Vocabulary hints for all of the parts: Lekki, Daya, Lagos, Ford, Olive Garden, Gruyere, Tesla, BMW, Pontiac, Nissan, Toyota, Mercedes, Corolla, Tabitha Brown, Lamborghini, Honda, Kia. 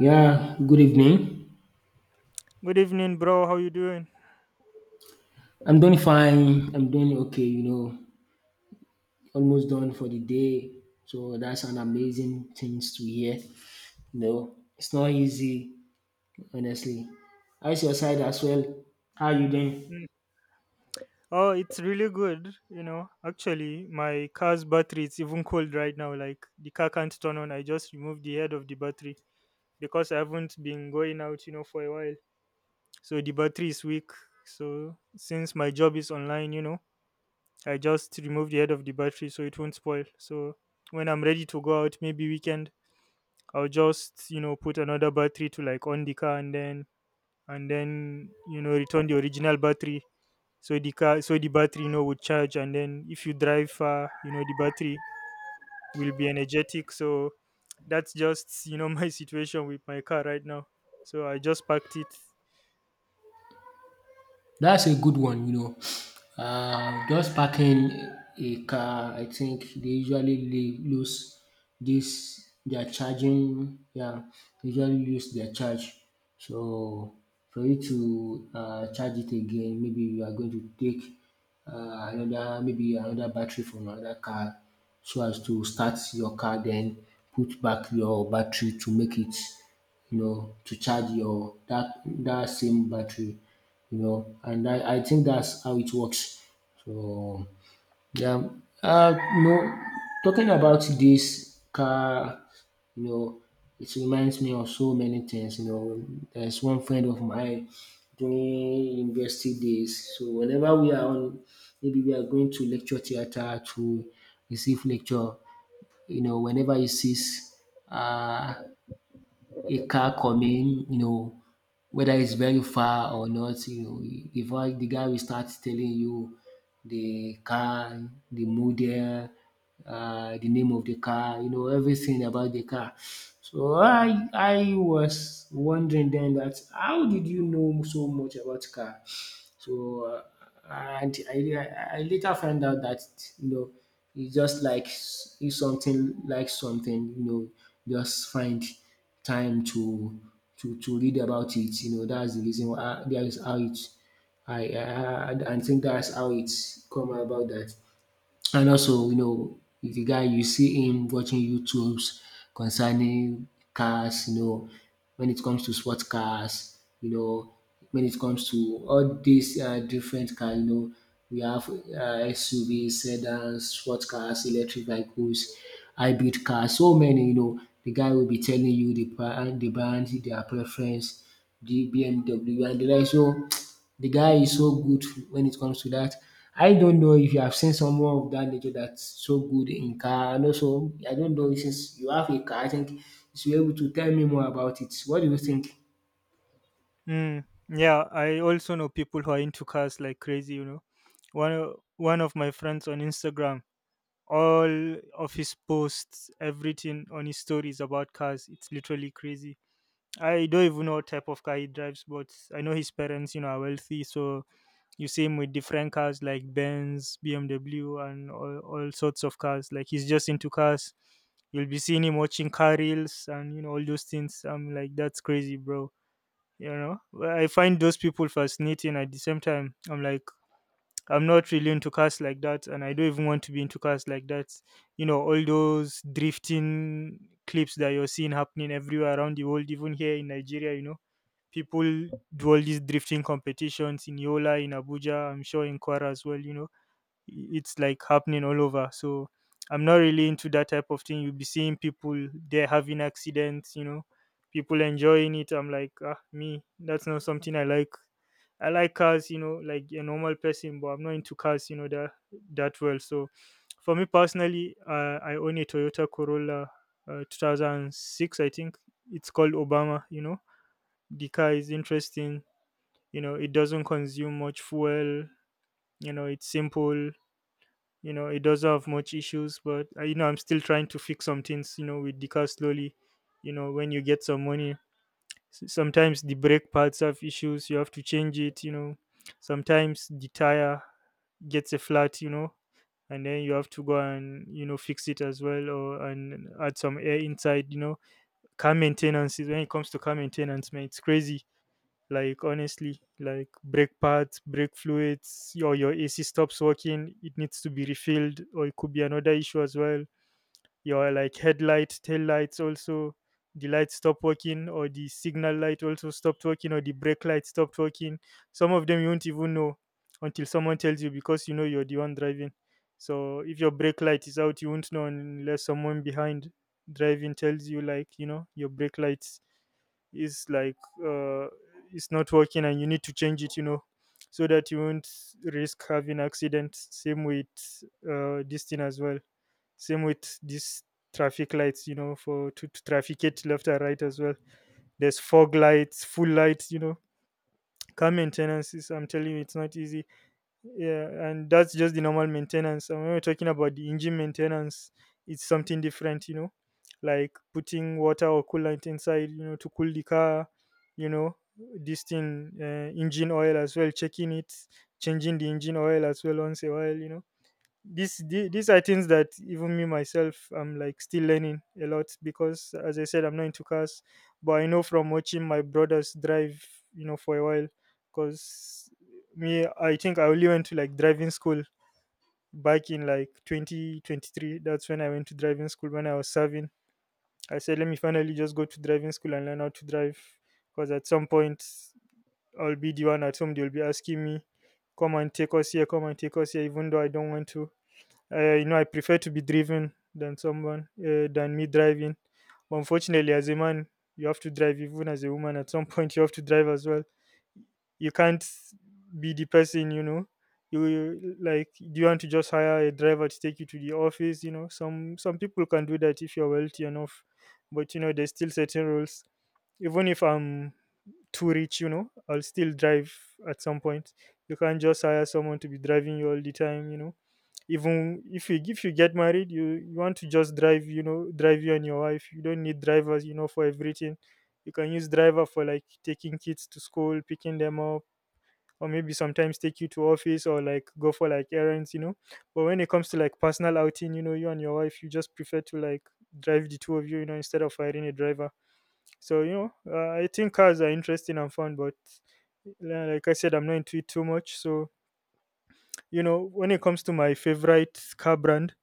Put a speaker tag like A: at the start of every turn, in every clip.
A: Yeah, good evening.
B: Good evening, bro. How you doing?
A: I'm doing fine. I'm doing okay, you know, almost done for the day. So that's an amazing things to hear. You know, it's not easy, honestly. How's your side as well? How you doing?
B: Mm. Oh, it's really good. You know, actually, my car's battery it's even cold right now. Like the car can't turn on. I just removed the head of the battery because I haven't been going out, you know, for a while. So the battery is weak. So since my job is online, you know, I just remove the head of the battery so it won't spoil. So when I'm ready to go out, maybe weekend, I'll just you know put another battery to like on the car and then you know return the original battery. So the car, so the battery you know would charge, and then if you drive far, you know the battery will be energetic. So that's just you know my situation with my car right now. So I just packed it.
A: That's a good one, you know. Just parking a car, I think they usually lose this their charging, yeah, they usually lose their charge. So for you to charge it again, maybe you are going to take another maybe another battery from another car so as to start your car then put back your battery to make it you know to charge your that same battery you know, and I think that's how it works. So yeah, you know, talking about this car, you know, it reminds me of so many things. You know, there's one friend of mine during university days. So whenever we are on, maybe we are going to lecture theater to receive lecture. You know, whenever he sees uh a car coming, you know, whether it's very far or not, you know, if I the guy will start telling you the car, the model, the name of the car, you know, everything about the car. So I was wondering then that how did you know so much about car? So and I later find out that you know it's just like if something like something you know just find time to to read about it. You know that's the reason why that is how it I think that's how it's come about that and also, you know, if the guy you see him watching YouTubes concerning cars, you know, when it comes to sports cars, you know, when it comes to all these different cars, you know, we have SUVs, sedans, sports cars, electric vehicles, hybrid cars, so many, you know, the guy will be telling you the brand, their preference, the BMW and the like. So the guy is so good when it comes to that. I don't know if you have seen someone of that nature that's so good in car, and also I don't know, since you have a car, I think you should be able to tell me more about it. What do you think?
B: Mm, yeah, I also know people who are into cars like crazy, you know. One of my friends on Instagram. All of his posts, everything on his stories about cars. It's literally crazy. I don't even know what type of car he drives, but I know his parents, you know, are wealthy. So you see him with different cars like Benz, BMW, and all sorts of cars. Like he's just into cars. You'll be seeing him watching car reels and you know all those things. I'm like, that's crazy, bro. You know, well, I find those people fascinating. At the same time, I'm like, I'm not really into cars like that, and I don't even want to be into cars like that. You know, all those drifting clips that you're seeing happening everywhere around the world, even here in Nigeria, you know, people do all these drifting competitions in Yola, in Abuja, I'm sure in Kwara as well, you know it's like happening all over. So I'm not really into that type of thing. You'll be seeing people there having accidents, you know, people enjoying it. I'm like, ah, me, that's not something I like. I like cars, you know, like a normal person, but I'm not into cars, you know, that well. So for me personally, I own a Toyota Corolla 2006, I think. It's called Obama, you know. The car is interesting, you know, it doesn't consume much fuel, you know, it's simple, you know it doesn't have much issues but you know I'm still trying to fix some things you know with the car slowly, you know when you get some money. Sometimes the brake pads have issues, you have to change it, you know. Sometimes the tire gets a flat, you know, and then you have to go and you know fix it as well or and add some air inside, you know. Car maintenance is, when it comes to car maintenance man, it's crazy. Like honestly, like brake pads, brake fluids, or your AC stops working, it needs to be refilled, or it could be another issue as well. Your like headlight, tail lights also, the lights stop working, or the signal light also stopped working, or the brake light stopped working. Some of them you won't even know until someone tells you, because you know you're the one driving. So if your brake light is out, you won't know unless someone behind driving tells you like, you know, your brake light is like, uh, it's not working and you need to change it, you know, so that you won't risk having accidents. Same with this thing as well, same with these traffic lights, you know, for to trafficate left and right as well. There's fog lights, full lights, you know. Car maintenance is, I'm telling you, it's not easy. Yeah, and that's just the normal maintenance, and when we're talking about the engine maintenance, it's something different, you know. Like putting water or coolant inside, you know, to cool the car, you know, this thing, engine oil as well, checking it, changing the engine oil as well once a while, you know. These these are things that even me myself I'm like still learning a lot, because as I said, I'm not into cars, but I know from watching my brothers drive, you know, for a while. Because me, I think I only went to like driving school back in like 2023. That's when I went to driving school, when I was serving. I said let me finally just go to driving school and learn how to drive, because at some point I'll be the one at home, they'll be asking me, come and take us here, come and take us here, even though I don't want to. You know, I prefer to be driven than someone, than me driving. But unfortunately as a man you have to drive, even as a woman at some point you have to drive as well. You can't be the person, you know, like do you want to just hire a driver to take you to the office, you know. Some people can do that if you're wealthy enough, but you know there's still certain rules. Even if I'm too rich, you know, I'll still drive at some point. You can't just hire someone to be driving you all the time, you know. Even if you, if you get married, you want to just drive, you know, drive you and your wife. You don't need drivers, you know, for everything. You can use driver for like taking kids to school, picking them up, or maybe sometimes take you to office or like go for like errands, you know. But when it comes to like personal outing, you know, you and your wife, you just prefer to like drive the two of you, you know, instead of hiring a driver. So you know, I think cars are interesting and fun, but like I said, I'm not into it too much. So you know, when it comes to my favorite car brand,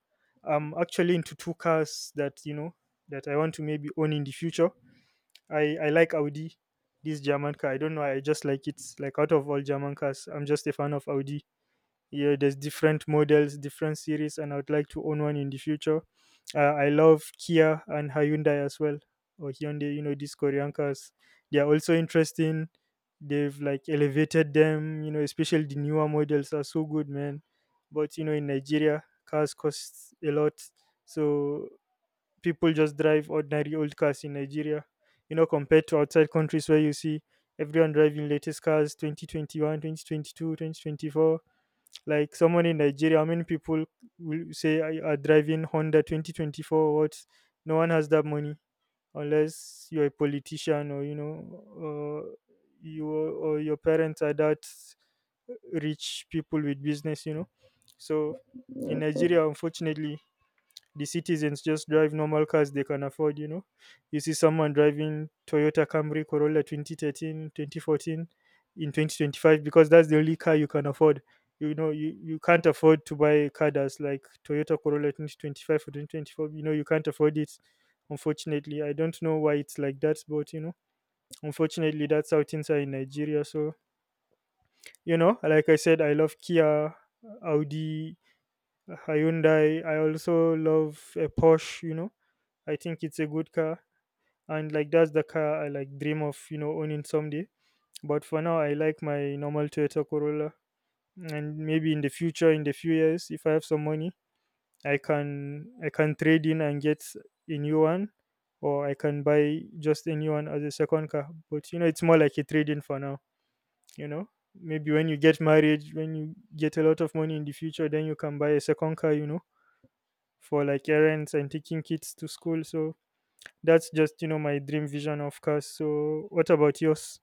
B: I'm actually into two cars that you know that I want to maybe own in the future. I like Audi, this German car. I don't know. I just like it. Like out of all German cars, I'm just a fan of Audi. Yeah, there's different models, different series, and I would like to own one in the future. I love Kia and Hyundai as well, or Hyundai, you know, these Korean cars, they are also interesting. They've like elevated them, you know, especially the newer models are so good man. But you know in Nigeria cars cost a lot. So people just drive ordinary old cars in Nigeria, you know, compared to outside countries where you see everyone driving latest cars 2021, 2022, 2024. Like someone in Nigeria, how many people will say are driving Honda 2024, what? No one has that money unless you're a politician or you know, uh, you or your parents are that rich people with business, you know. So in Nigeria, unfortunately, the citizens just drive normal cars they can afford, you know. You see someone driving Toyota Camry, Corolla 2013, 2014 in 2025 because that's the only car you can afford. You know you can't afford to buy a car that's like Toyota Corolla 2025 or 2024, you know, you can't afford it. Unfortunately I don't know why it's like that, but you know unfortunately that's how things are in Nigeria. So you know like I said, I love Kia, Audi, Hyundai. I also love a Porsche, you know. I think it's a good car, and like that's the car I like dream of, you know, owning someday. But for now, I like my normal Toyota Corolla, and maybe in the future, in the few years, if I have some money, I can trade in and get a new one, or I can buy just a new one as a second car. But you know, it's more like a trade in for now. You know, maybe when you get married, when you get a lot of money in the future, then you can buy a second car. You know, for like errands and taking kids to school. So that's just you know my dream vision of cars. So what about yours?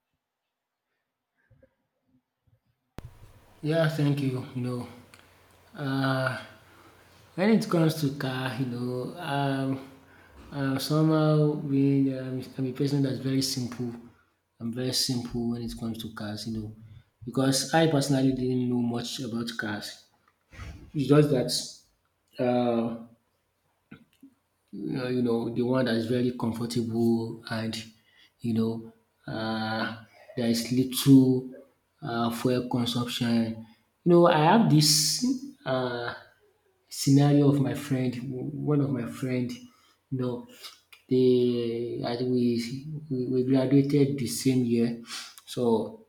A: Yeah, thank you. You know, uh, when it comes to car, you know, somehow being I'm a person that's very simple. I'm very simple when it comes to cars, you know, because I personally didn't know much about cars. It's just that uh, you know, the one that is very comfortable and, you know, uh, there is little fuel consumption. You know, I have this uh, scenario of my friend, one of my friend, you know, they, I think we graduated the same year. So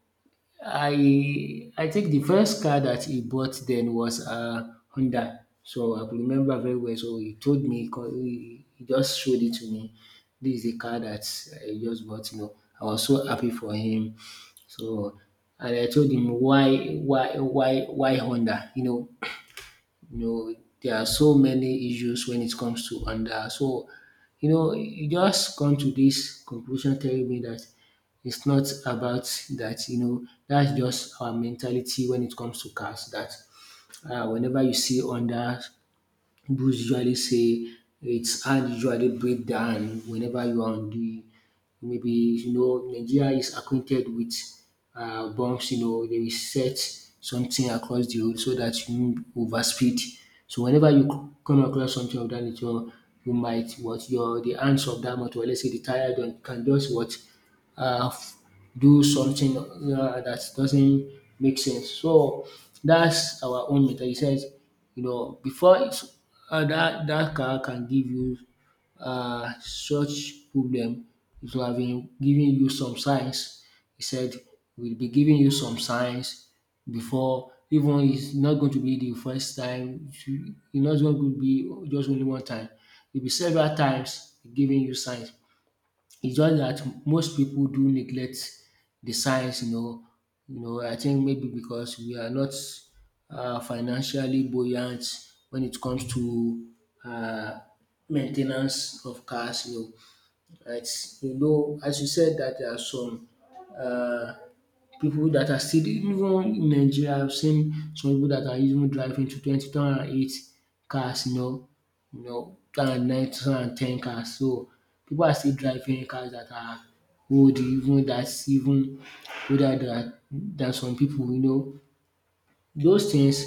A: I think the first car that he bought then was a Honda. So I could remember very well. So he told me, he co- he just showed it to me. This is the car that I just bought. You know, I was so happy for him. So and I told him why Honda. You know, there are so many issues when it comes to under. So you know you just come to this conclusion telling me that it's not about that, you know, that's just our mentality when it comes to cars, that whenever you see under. Those usually say it's hand usually break the whenever you are on the maybe you know Nigeria is acquainted with bumps, you know, they will set something across the road so that you no over speed. So whenever you come across something of that nature you might what your the hands of dat motor, let's say the tyre dem can just what uh, f- do something that doesn't make sense. So that's our own method. He says, you know, before it's, that car can give you such problem, it will have been giving you some signs. He said, we'll be giving you some signs before, even it's not going to be the first time, it's not going to be just only one time, it will be several times giving you signs. It's just that most people do neglect the science, you know. You know, I think maybe because we are not financially buoyant when it comes to uh, maintenance of cars, you know. It's, you know, as you said, that there are some uh, people that are still even in Nigeria, I've seen some people that are even driving to 2008 cars, you know, 2009, 2010 cars. So people are still driving cars that are old, even that's even older than some people, you know. Those things,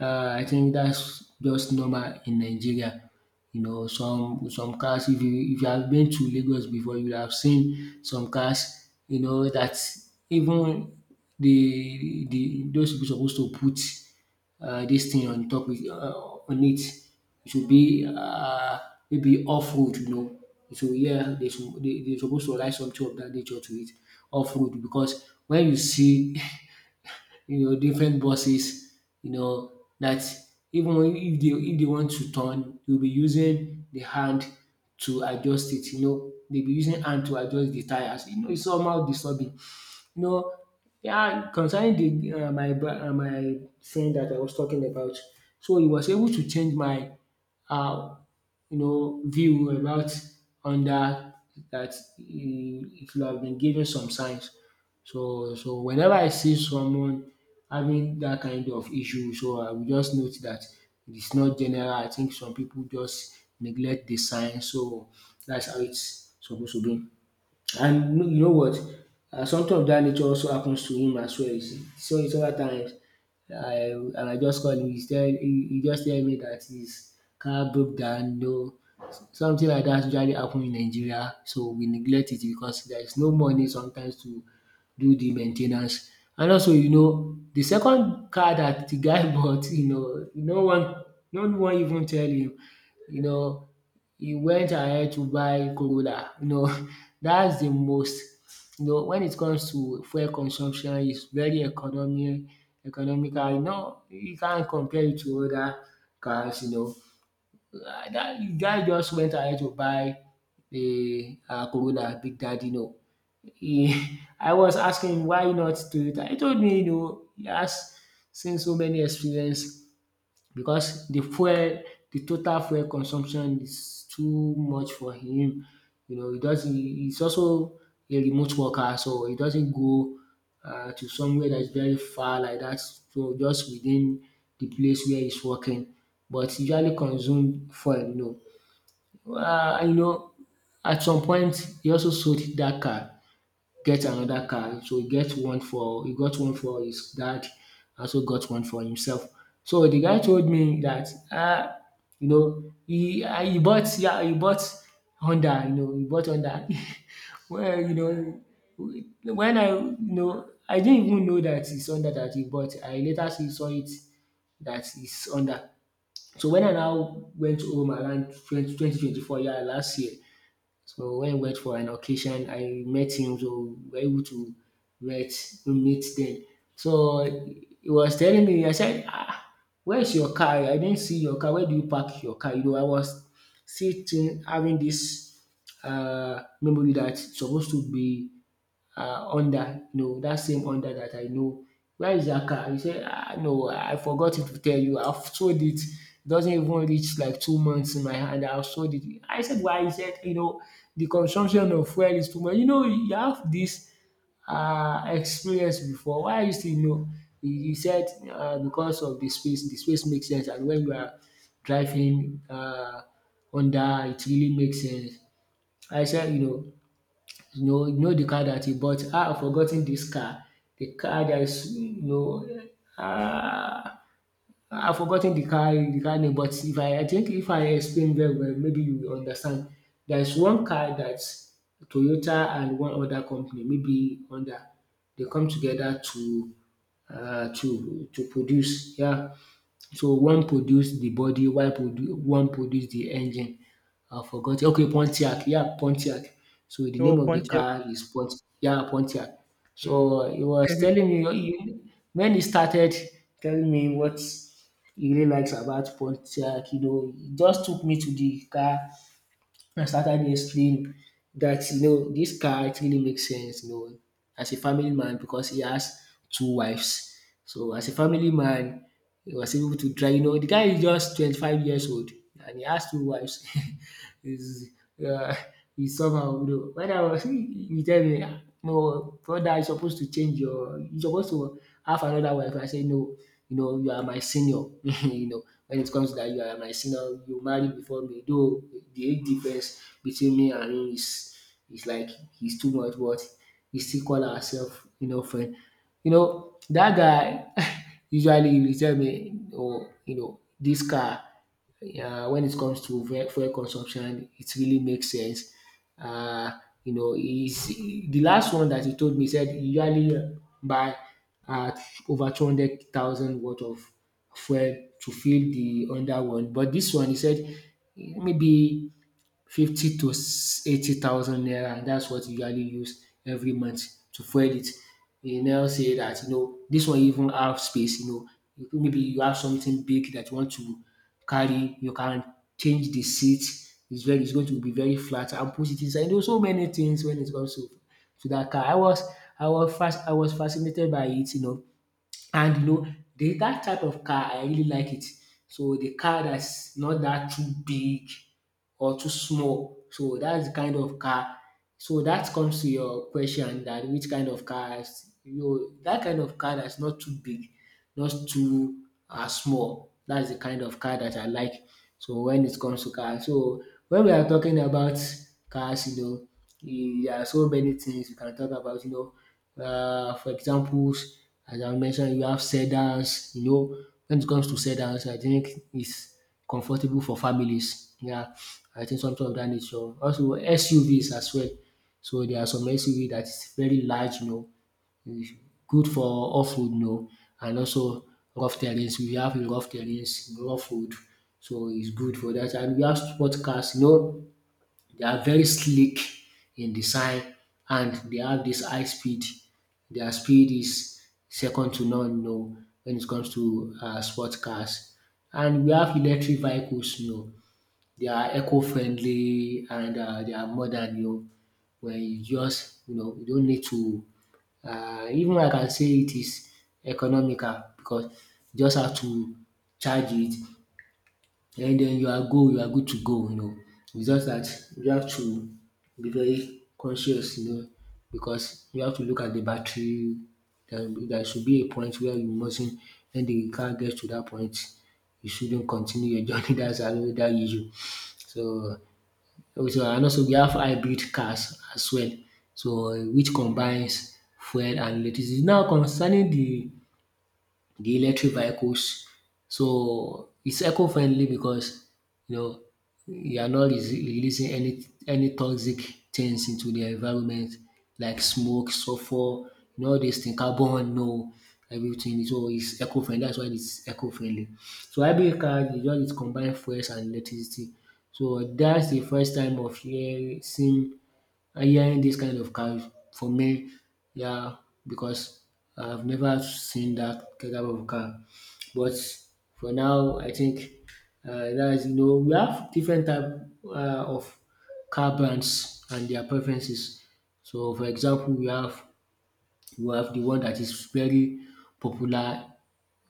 A: I think that's just normal in Nigeria. You know, some cars, if you have been to Lagos before, you have seen some cars, you know, that even the those people suppose to put dis thing on top with, on it. It should be maybe off road, you know. So yeah, they dey supposed to write something of that nature to it, off road, because when you see you know, different buses, you know, that even if they want to turn, they'll be using the hand to adjust it, you know, they'll be using hand to adjust the tires. You know, it's somehow disturbing. You know, yeah, concerning the my friend that I was talking about, so he was able to change my uh, you know view about on that, that he should have been given some signs. So whenever I see someone having that kind of issue, so I will just note that it's not general. I think some people just neglect the signs. So that's how it's supposed to be. And no, you know what? Something of that nature also happens to him as well. You see. So it's over times. I and I just call him. He just tell me that his car broke down. No, something like that usually happen in Nigeria. So we neglect it because there is no money sometimes to do the main ten ance. And also, you know, the second car that the guy bought, you know, no one even tell him. You know, he went ahead to buy Corolla. You know, that's the most, you know, when it comes to fuel consumption, it's very economy economical. You know, you can't compare it to other cars, you know. Ah, that guy just went ahead to buy a Corolla Big Daddy. No, he, I was asking him why not Toyota. He told me, you know, he has seen so many experience because the total fuel consumption is too much for him. You know, he doesn't he's also a remote worker, so he doesn't go to somewhere that is very far like that. So just within the place where he's working, but he usually consume fuel, no. You know, at some point he also sold that car, get another car. So he got one for his dad, also got one for himself. So the guy told me that, ah, you know, he bought, yeah, he bought Honda, you know, he bought Honda. Well, you know, I didn't even know that it's Honda that he bought. I later see saw it, that it's Honda. So when I now went home around twenty twenty twenty four, yeah, last year, so when we went for an occasion, I met him, so we were able to meet then. So he was telling me, I said, ah, where's your car? I didn't see your car. Where do you park your car? You know, I was sitting having this memory that's supposed to be under, no, that same under that I know. Where is that car? He said, "Ah, no, I forgot to tell you, I've sold it. Doesn't even reach like 2 months in my hand, I've sold it." I said, "Why?" He said, "You know, the consumption of fuel is too much." "You know you have this experience before, why are you still, you know?" He said, because of the space makes sense, and when you are driving under, it really makes sense." I said, you know the car that he bought. "Ah, I've forgotten this car. The car that is, you know, ah, I've forgotten the car, the car name, but if I think if I explain very well, maybe you will understand. There is one car that Toyota and one other company, maybe Honda, they come together to produce. Yeah, so one produce the body while produ one produce the engine. I forgot. Okay, Pontiac, yeah, Pontiac. So the
B: Oh,
A: name of the
B: Pontiac.
A: car is Pont yeah, Pontiac.
B: Mm.
A: So he was telling me when he started telling me what he really likes about Pontiac, you know, he just took me to the car. I started listening that, you know, this guy actually makes sense, you know, as a family man because he has two wives. So as a family man, he was able to drive. You know, the guy is just 25 years old and he has two wives. is uh, is somehow, you know, when I was he tell me, "Ah, no brother, you supposed to change your you are supposed to have another wife." I say, "No, you know, you are my senior." You know, when it comes to that, you are my senior, you marry before me, though the age difference between me and him is is like he's too much, but he still call ourself, you know, friend. You know that guy. Usually he will tell me, "Oh, you know this car, when it comes to fuel consumption, it really makes sense." Uh, you know, is the last one that he told me, said he usually buy uh, over 200,000 worth of fuel to fill the under one, but this one he said maybe 50 to 80,000 naira, and that's what e usually use every month to fuel it. E now say that, you know, this one even have space, you know, maybe you have something big that you want to carry, you can change the seat. It's very it's going to be very flat and put it inside. There are so many things when it comes to that car. I was fast. I was fascinated by it, you know. And you know, that type of car, I really like it. So the car that's not that too big or too small. So that's the kind of car. So that comes to your question, that which kind of cars, you know, that kind of car that's not too big, not too small. That's the kind of car that I like. So when it comes to cars, so when we are talking about cars, you know, eh, there are so many things you can talk about. You know, for examples, as I mentioned, you have sedans. You know, when it comes to sedans, I think it's comfortable for families. Yeah, I think something of that nature. Also, SUVs as well. So there are some SUV that is very large, you know, is good for off road, you know, and also rough terrains. We have rough terrains, rough road, so it's good for that. And we have sport cars, you know, they are very sleek in design and they have this high speed. Their speed is second to none, you know, when it comes to sport cars. And we have electric vehicles, you know, they are eco-friendly and they are modern, you know, where you just, you know, you don't need to, even I can say it is economical because you just have to charge it, and then you are go you are good to go, you know. It's just that you have to be very conscious, you know, because you have to look at the battery. There should be a point where you mustn't, when the car gets to that point, you shouldn't continue your journey. That's another issue. So, also, and also we have hybrid cars as well, so which combines fuel and electricity. Now, concerning the electric vehicles. So it's eco-friendly because, you know, you are not releasing any toxic things into the environment, like smoke, sulfur, you know, all these things, carbon, no, everything. So it's eco-friendly. That's why it's eco-friendly. So hybrid car, you just combine fuels and electricity. So that's the first time of hearing seeing hearing this kind of car for me, yeah, because I've never seen that kind of car. But for now, I think that is, you know, we have different type of car brands and their preferences. So, for example, we have the one that is very popular.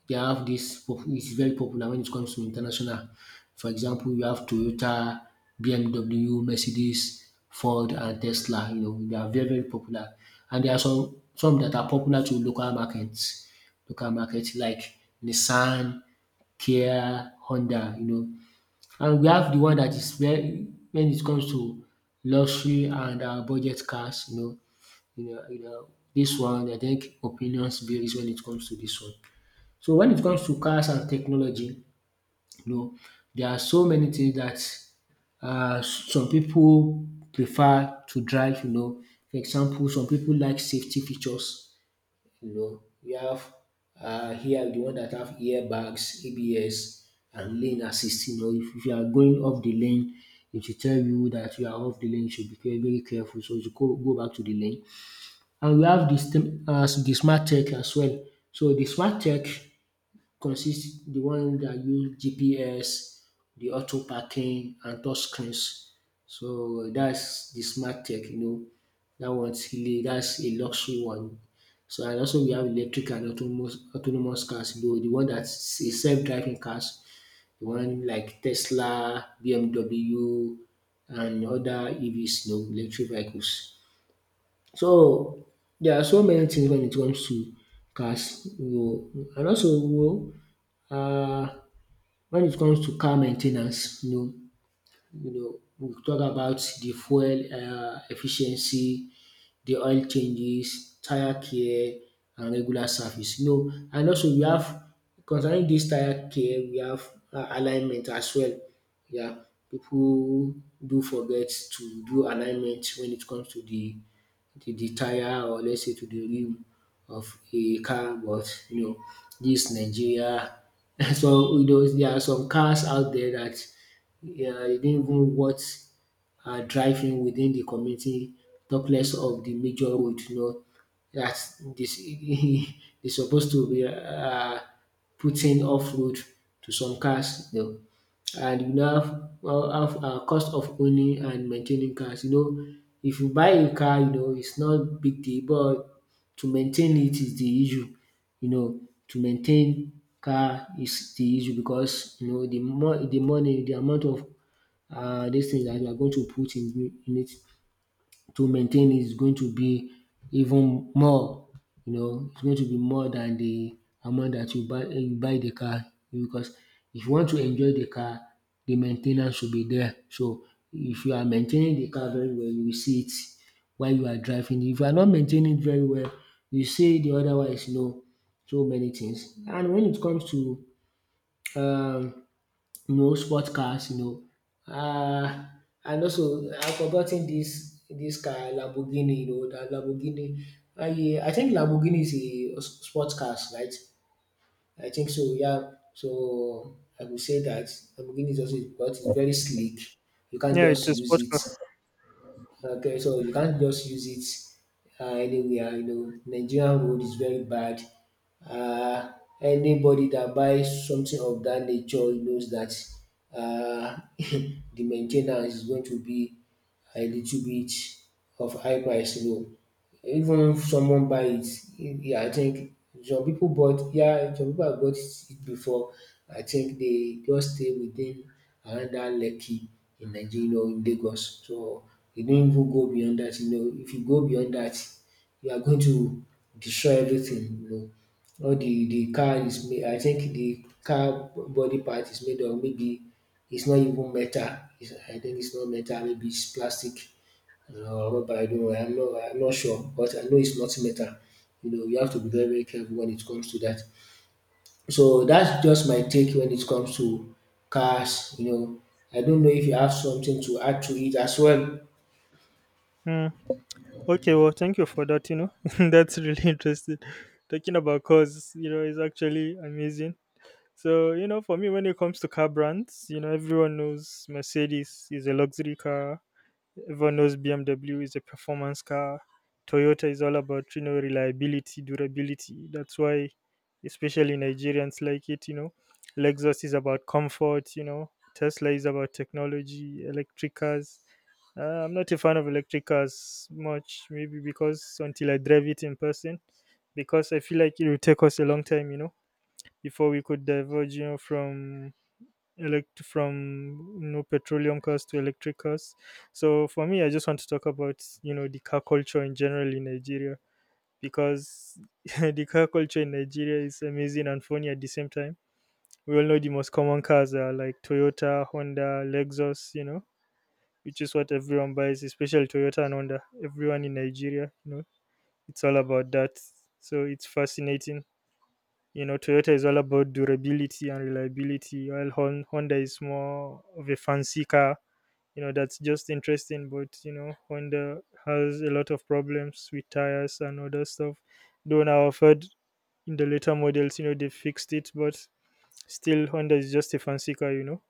A: They have this pop it's very popular when it comes to international. For example, you have Toyota, BMW, Mercedes, Ford, and Tesla. You know, they are very, very popular. And there are some that are popular to local markets. Local markets like Nissan, Kia, Honda, you know. And we have the one that is very when it comes to luxury and budget cars, you know, this one I think opinions varies when it comes to this one. So when it comes to cars and technology, you know, there are so many things that some people prefer to drive, you know. For example, some people like safety features, you know. We have here the one that have airbags, ABS and lane assist. You know, if you are going off the lane, it will tell you that you are off the lane, you should be very, very careful so you go back to the lane. And we have the the smart tech as well. So the smart tech consist the one that use GPS, the auto parking and touch screens. So that's the smart tech, you know. That one's really that's a luxury one. So and also we have electric and autonomous cars, you the one that's a self-driving cars, the one like Tesla, BMW and other EVs, you know, electric vehicles. So there are so many things when it comes to cars, you know. And also, you know, Wen it comes to car main ten ance you know, you know, we go talk about de fuel efficiency, the oil changes, tire care and regular service. You know, and also we have, concerning this tire care, we have alignment as well. Yeah, people do forget to do alignment when it comes to the tire, or let's say to the rim of a car. But you know, this Nigeria. So you know, there are some cars out there that, yeah, e not even what driving within the community, talk less of the major road. You know, that this they supposed to be putting off road to some cars. You know. And you now have, well, have cost of owning and maintaining cars. You know, if you buy a car, you know it's not big deal, but to maintain it is the issue. You know, to maintain car is the issue, because you know the more the money, the amount of these things that you are going to put in it to maintain it is going to be even more. You know, it's going to be more than the amount that you buy the car, because if you want to enjoy the car, the maintenance should be there. So if you are maintaining the car very well, you will see it while you are driving. If you are not maintaining it very well, you see the otherwise, you know, so many things. And when it comes to um you know, sports cars, you know. And also, I've forgotten this car, Lamborghini, you know, the Lamborghini. I think Lamborghini is a sports cars, right? I think so, yeah. So I would say that Lamborghini is also because it's very sleek. You can't
B: Yeah, it's
A: just
B: a
A: use
B: sport
A: it.
B: car.
A: Okay, so you can't just use it anywhere. You know, Nigerian road is very bad. Uh, Anybody that buys something of that nature knows that uh, the maintenance is going to be a little bit of high price. You know, even if someone buy it, yeah, I think some people bought, yeah, some people have bought it before. I think they just stay within around Lekki in Nigeria, you know, in Lagos. So you don't even go beyond that. You know, if you go beyond that, you are going to destroy everything. You know, all the car is made. I think the car body part is made of maybe it's not even metal. I think it's not metal. Maybe it's plastic. But I know I'm not sure, but I know it's not metal. You know, you have to be very, very careful when it comes to that. So that's just my take when it comes to cars. You know, I don't know if you have something to add to it as well.
B: Mm. Okay, well, thank you for that. You know, that's really interesting. Talking about cars, you know, is actually amazing. So you know, for me, when it comes to car brands, you know, everyone knows Mercedes is a luxury car. Everyone knows BMW is a performance car. Toyota is all about you know reliability, durability. That's why, especially Nigerians like it. You know, Lexus is about comfort. You know, Tesla is about technology. Electric cars. I'm not a fan of electric cars much, maybe because until I drive it in person, because I feel like it will take us a long time. You know, before we could diverge. You know, from petroleum cars to electric cars. So for me, I just want to talk about you know the car culture in general in Nigeria, because the car culture in Nigeria is amazing and funny at the same time. We all know the most common cars are like Toyota, Honda, Lexus, you know, which is what everyone buys, especially Toyota and Honda. Everyone in Nigeria, you know, it's all about that. So it's fascinating. You know, Toyota is all about durability and reliability, while Honda is more of a fancy car. You know, that's just interesting. But you know, Honda has a lot of problems with tires and other stuff. Though now I've heard in the later models, you know, they fixed it. But still, Honda is just a fancy car, you know.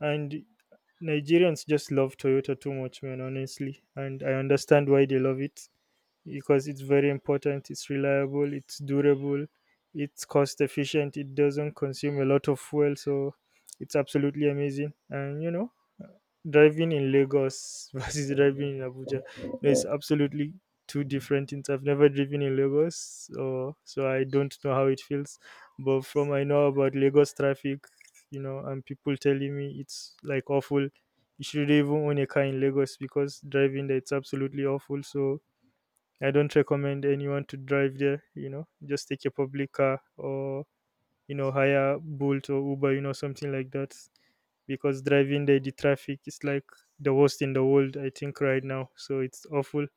B: And Nigerians just love Toyota too much, man, honestly. And I understand why they love it, because it's very important, it's reliable, it's durable, it's cost efficient, it doesn't consume a lot of fuel. So it's absolutely amazing. And you know, driving in Lagos versus driving in Abuja, there's absolutely two different things. I've never driven in Lagos, so I don't know how it feels, but from I know about Lagos traffic, you know, and people telling me it's like awful, you should even own a car in Lagos, because driving there, it's absolutely awful. So I don't recommend anyone to drive there, you know, just take a public car or, you know, hire Bolt or Uber, you know, something like that. Because driving there, the traffic is like the worst in the world, I think, right now. So it's awful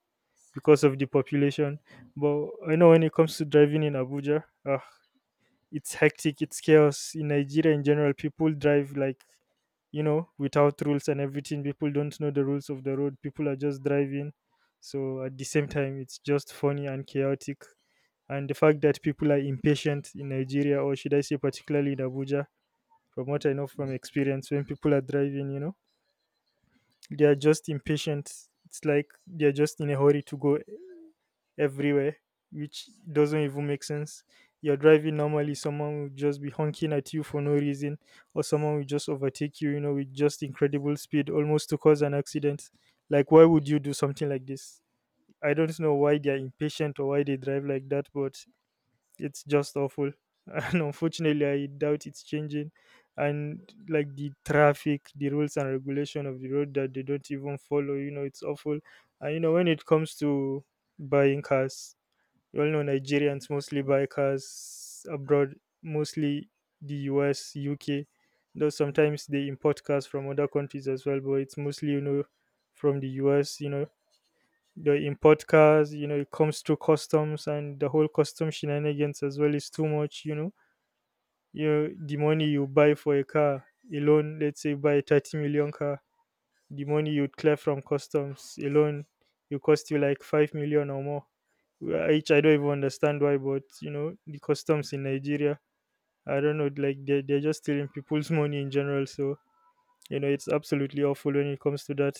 B: because of the population. But I know when it comes to driving in Abuja, ah, it's hectic, it's chaos. In Nigeria in general, people drive like, you know, without rules and everything. People don't know the rules of the road. People are just driving. So at the same time, it's just funny and chaotic. And the fact that people are impatient in Nigeria, or should I say, particularly in Abuja, from what I know from experience, when people are driving, you know, they are just impatient. It's like they are just in a hurry to go everywhere, which doesn't even make sense. You're driving normally, someone will just be honking at you for no reason, or someone will just overtake you, you know, with just incredible speed, almost to cause an accident. Like, why would you do something like this? I don't know why they're impatient or why they drive like that, but it's just awful. And unfortunately, I doubt it's changing. And like the traffic, the rules and regulation of the road that they don't even follow, you know, it's awful. And you know, when it comes to buying cars, you all know Nigerians mostly buy cars abroad, mostly the US, UK. Though sometimes they import cars from other countries as well, but it's mostly, you know, from the US, you know. They import cars, you know, it comes through customs, and the whole custom shenanigans as well is too much, you know. You, the money you buy for a car alone, let's say you buy a 30 million car, the money you'd clear from customs alone will cost you like 5 million or more, which I don't even understand why. But you know, the customs in Nigeria, I don't know, like they're just stealing people's money in general. So you know, it's absolutely awful when it comes to that.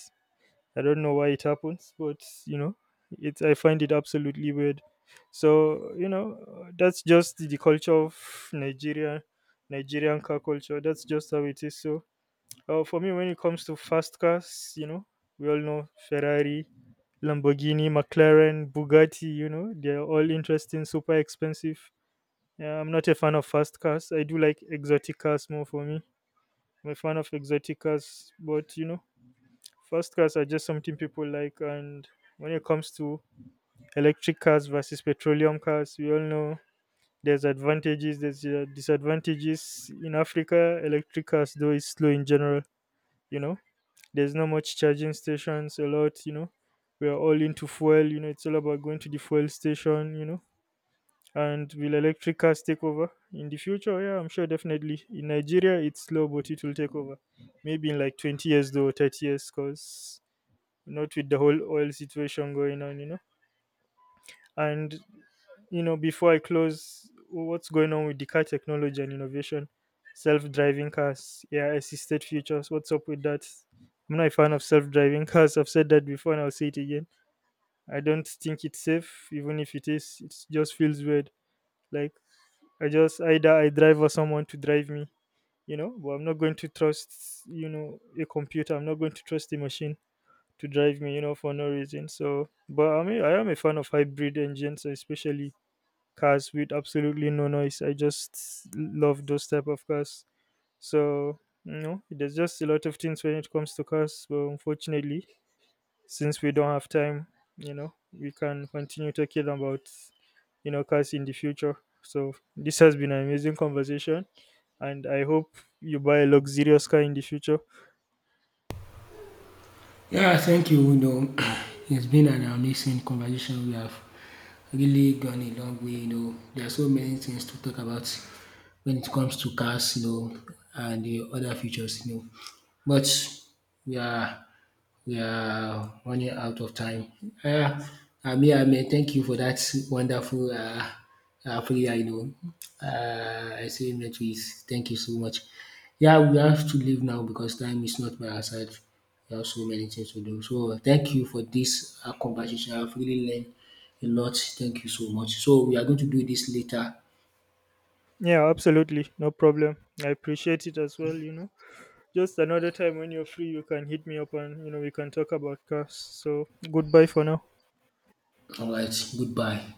B: I don't know why it happens, but you know, it's I find it absolutely weird. So you know, that's just the culture of Nigeria, Nigerian car culture. That's just how it is. So for me, when it comes to fast cars, you know, we all know Ferrari, Lamborghini, McLaren, Bugatti, you know, they're all interesting, super expensive. Yeah, I'm not a fan of fast cars. I do like exotic cars more. For me, I'm a fan of exotic cars, but you know, fast cars are just something people like. And when it comes to electric cars versus petroleum cars, we all know there's advantages, there's disadvantages. In Africa, electric cars, though, is slow in general, you know. There's not much charging stations a lot, you know. We are all into fuel, you know, it's all about going to the fuel station, you know. And will electric cars take over in the future? Yeah, I'm sure definitely. In Nigeria, it's slow, but it will take over. Maybe in like 20 years, though, 30 years, because not with the whole oil situation going on, you know. And you know, before I close, what's going on with the car technology and innovation? Self driving cars, yeah, assisted futures. What's up with that? I'm not a fan of self driving cars. I've said that before and I'll say it again. I don't think it's safe, even if it is. It just feels weird. Like, I just, either I drive or someone to drive me, you know, but I'm not going to trust, you know, a computer. I'm not going to trust a machine to drive me, you know, for no reason. So, but I mean, I am a fan of hybrid engines, especially cars with absolutely no noise. I just love those type of cars. So you know, there's just a lot of things when it comes to cars. But unfortunately, since we don't have time, you know, we can continue talking about, you know, cars in the future. So this has been an amazing conversation, and I hope you buy a luxurious car in the future.
A: Yeah, thank you. You know, it's been an amazing conversation. We have really gone a long way. You know, there are so many things to talk about when it comes to cars. You know, and the other features. You know, but we are we are running out of time. Uh, I mean, thank you for that wonderful prayer, you know, I say make we thank you so much. Yeah, we have to leave now because time is not by our side. We have so many things to do. So thank you for this conversation. I've really learned a lot. Thank you so much. So we are going to do this later.
B: Yeah, absolutely, no problem. I appreciate it as well, you know. Just another time when you're free, you can hit me up, and you know, we can talk about cars. So goodbye for now.
A: Alright, goodbye.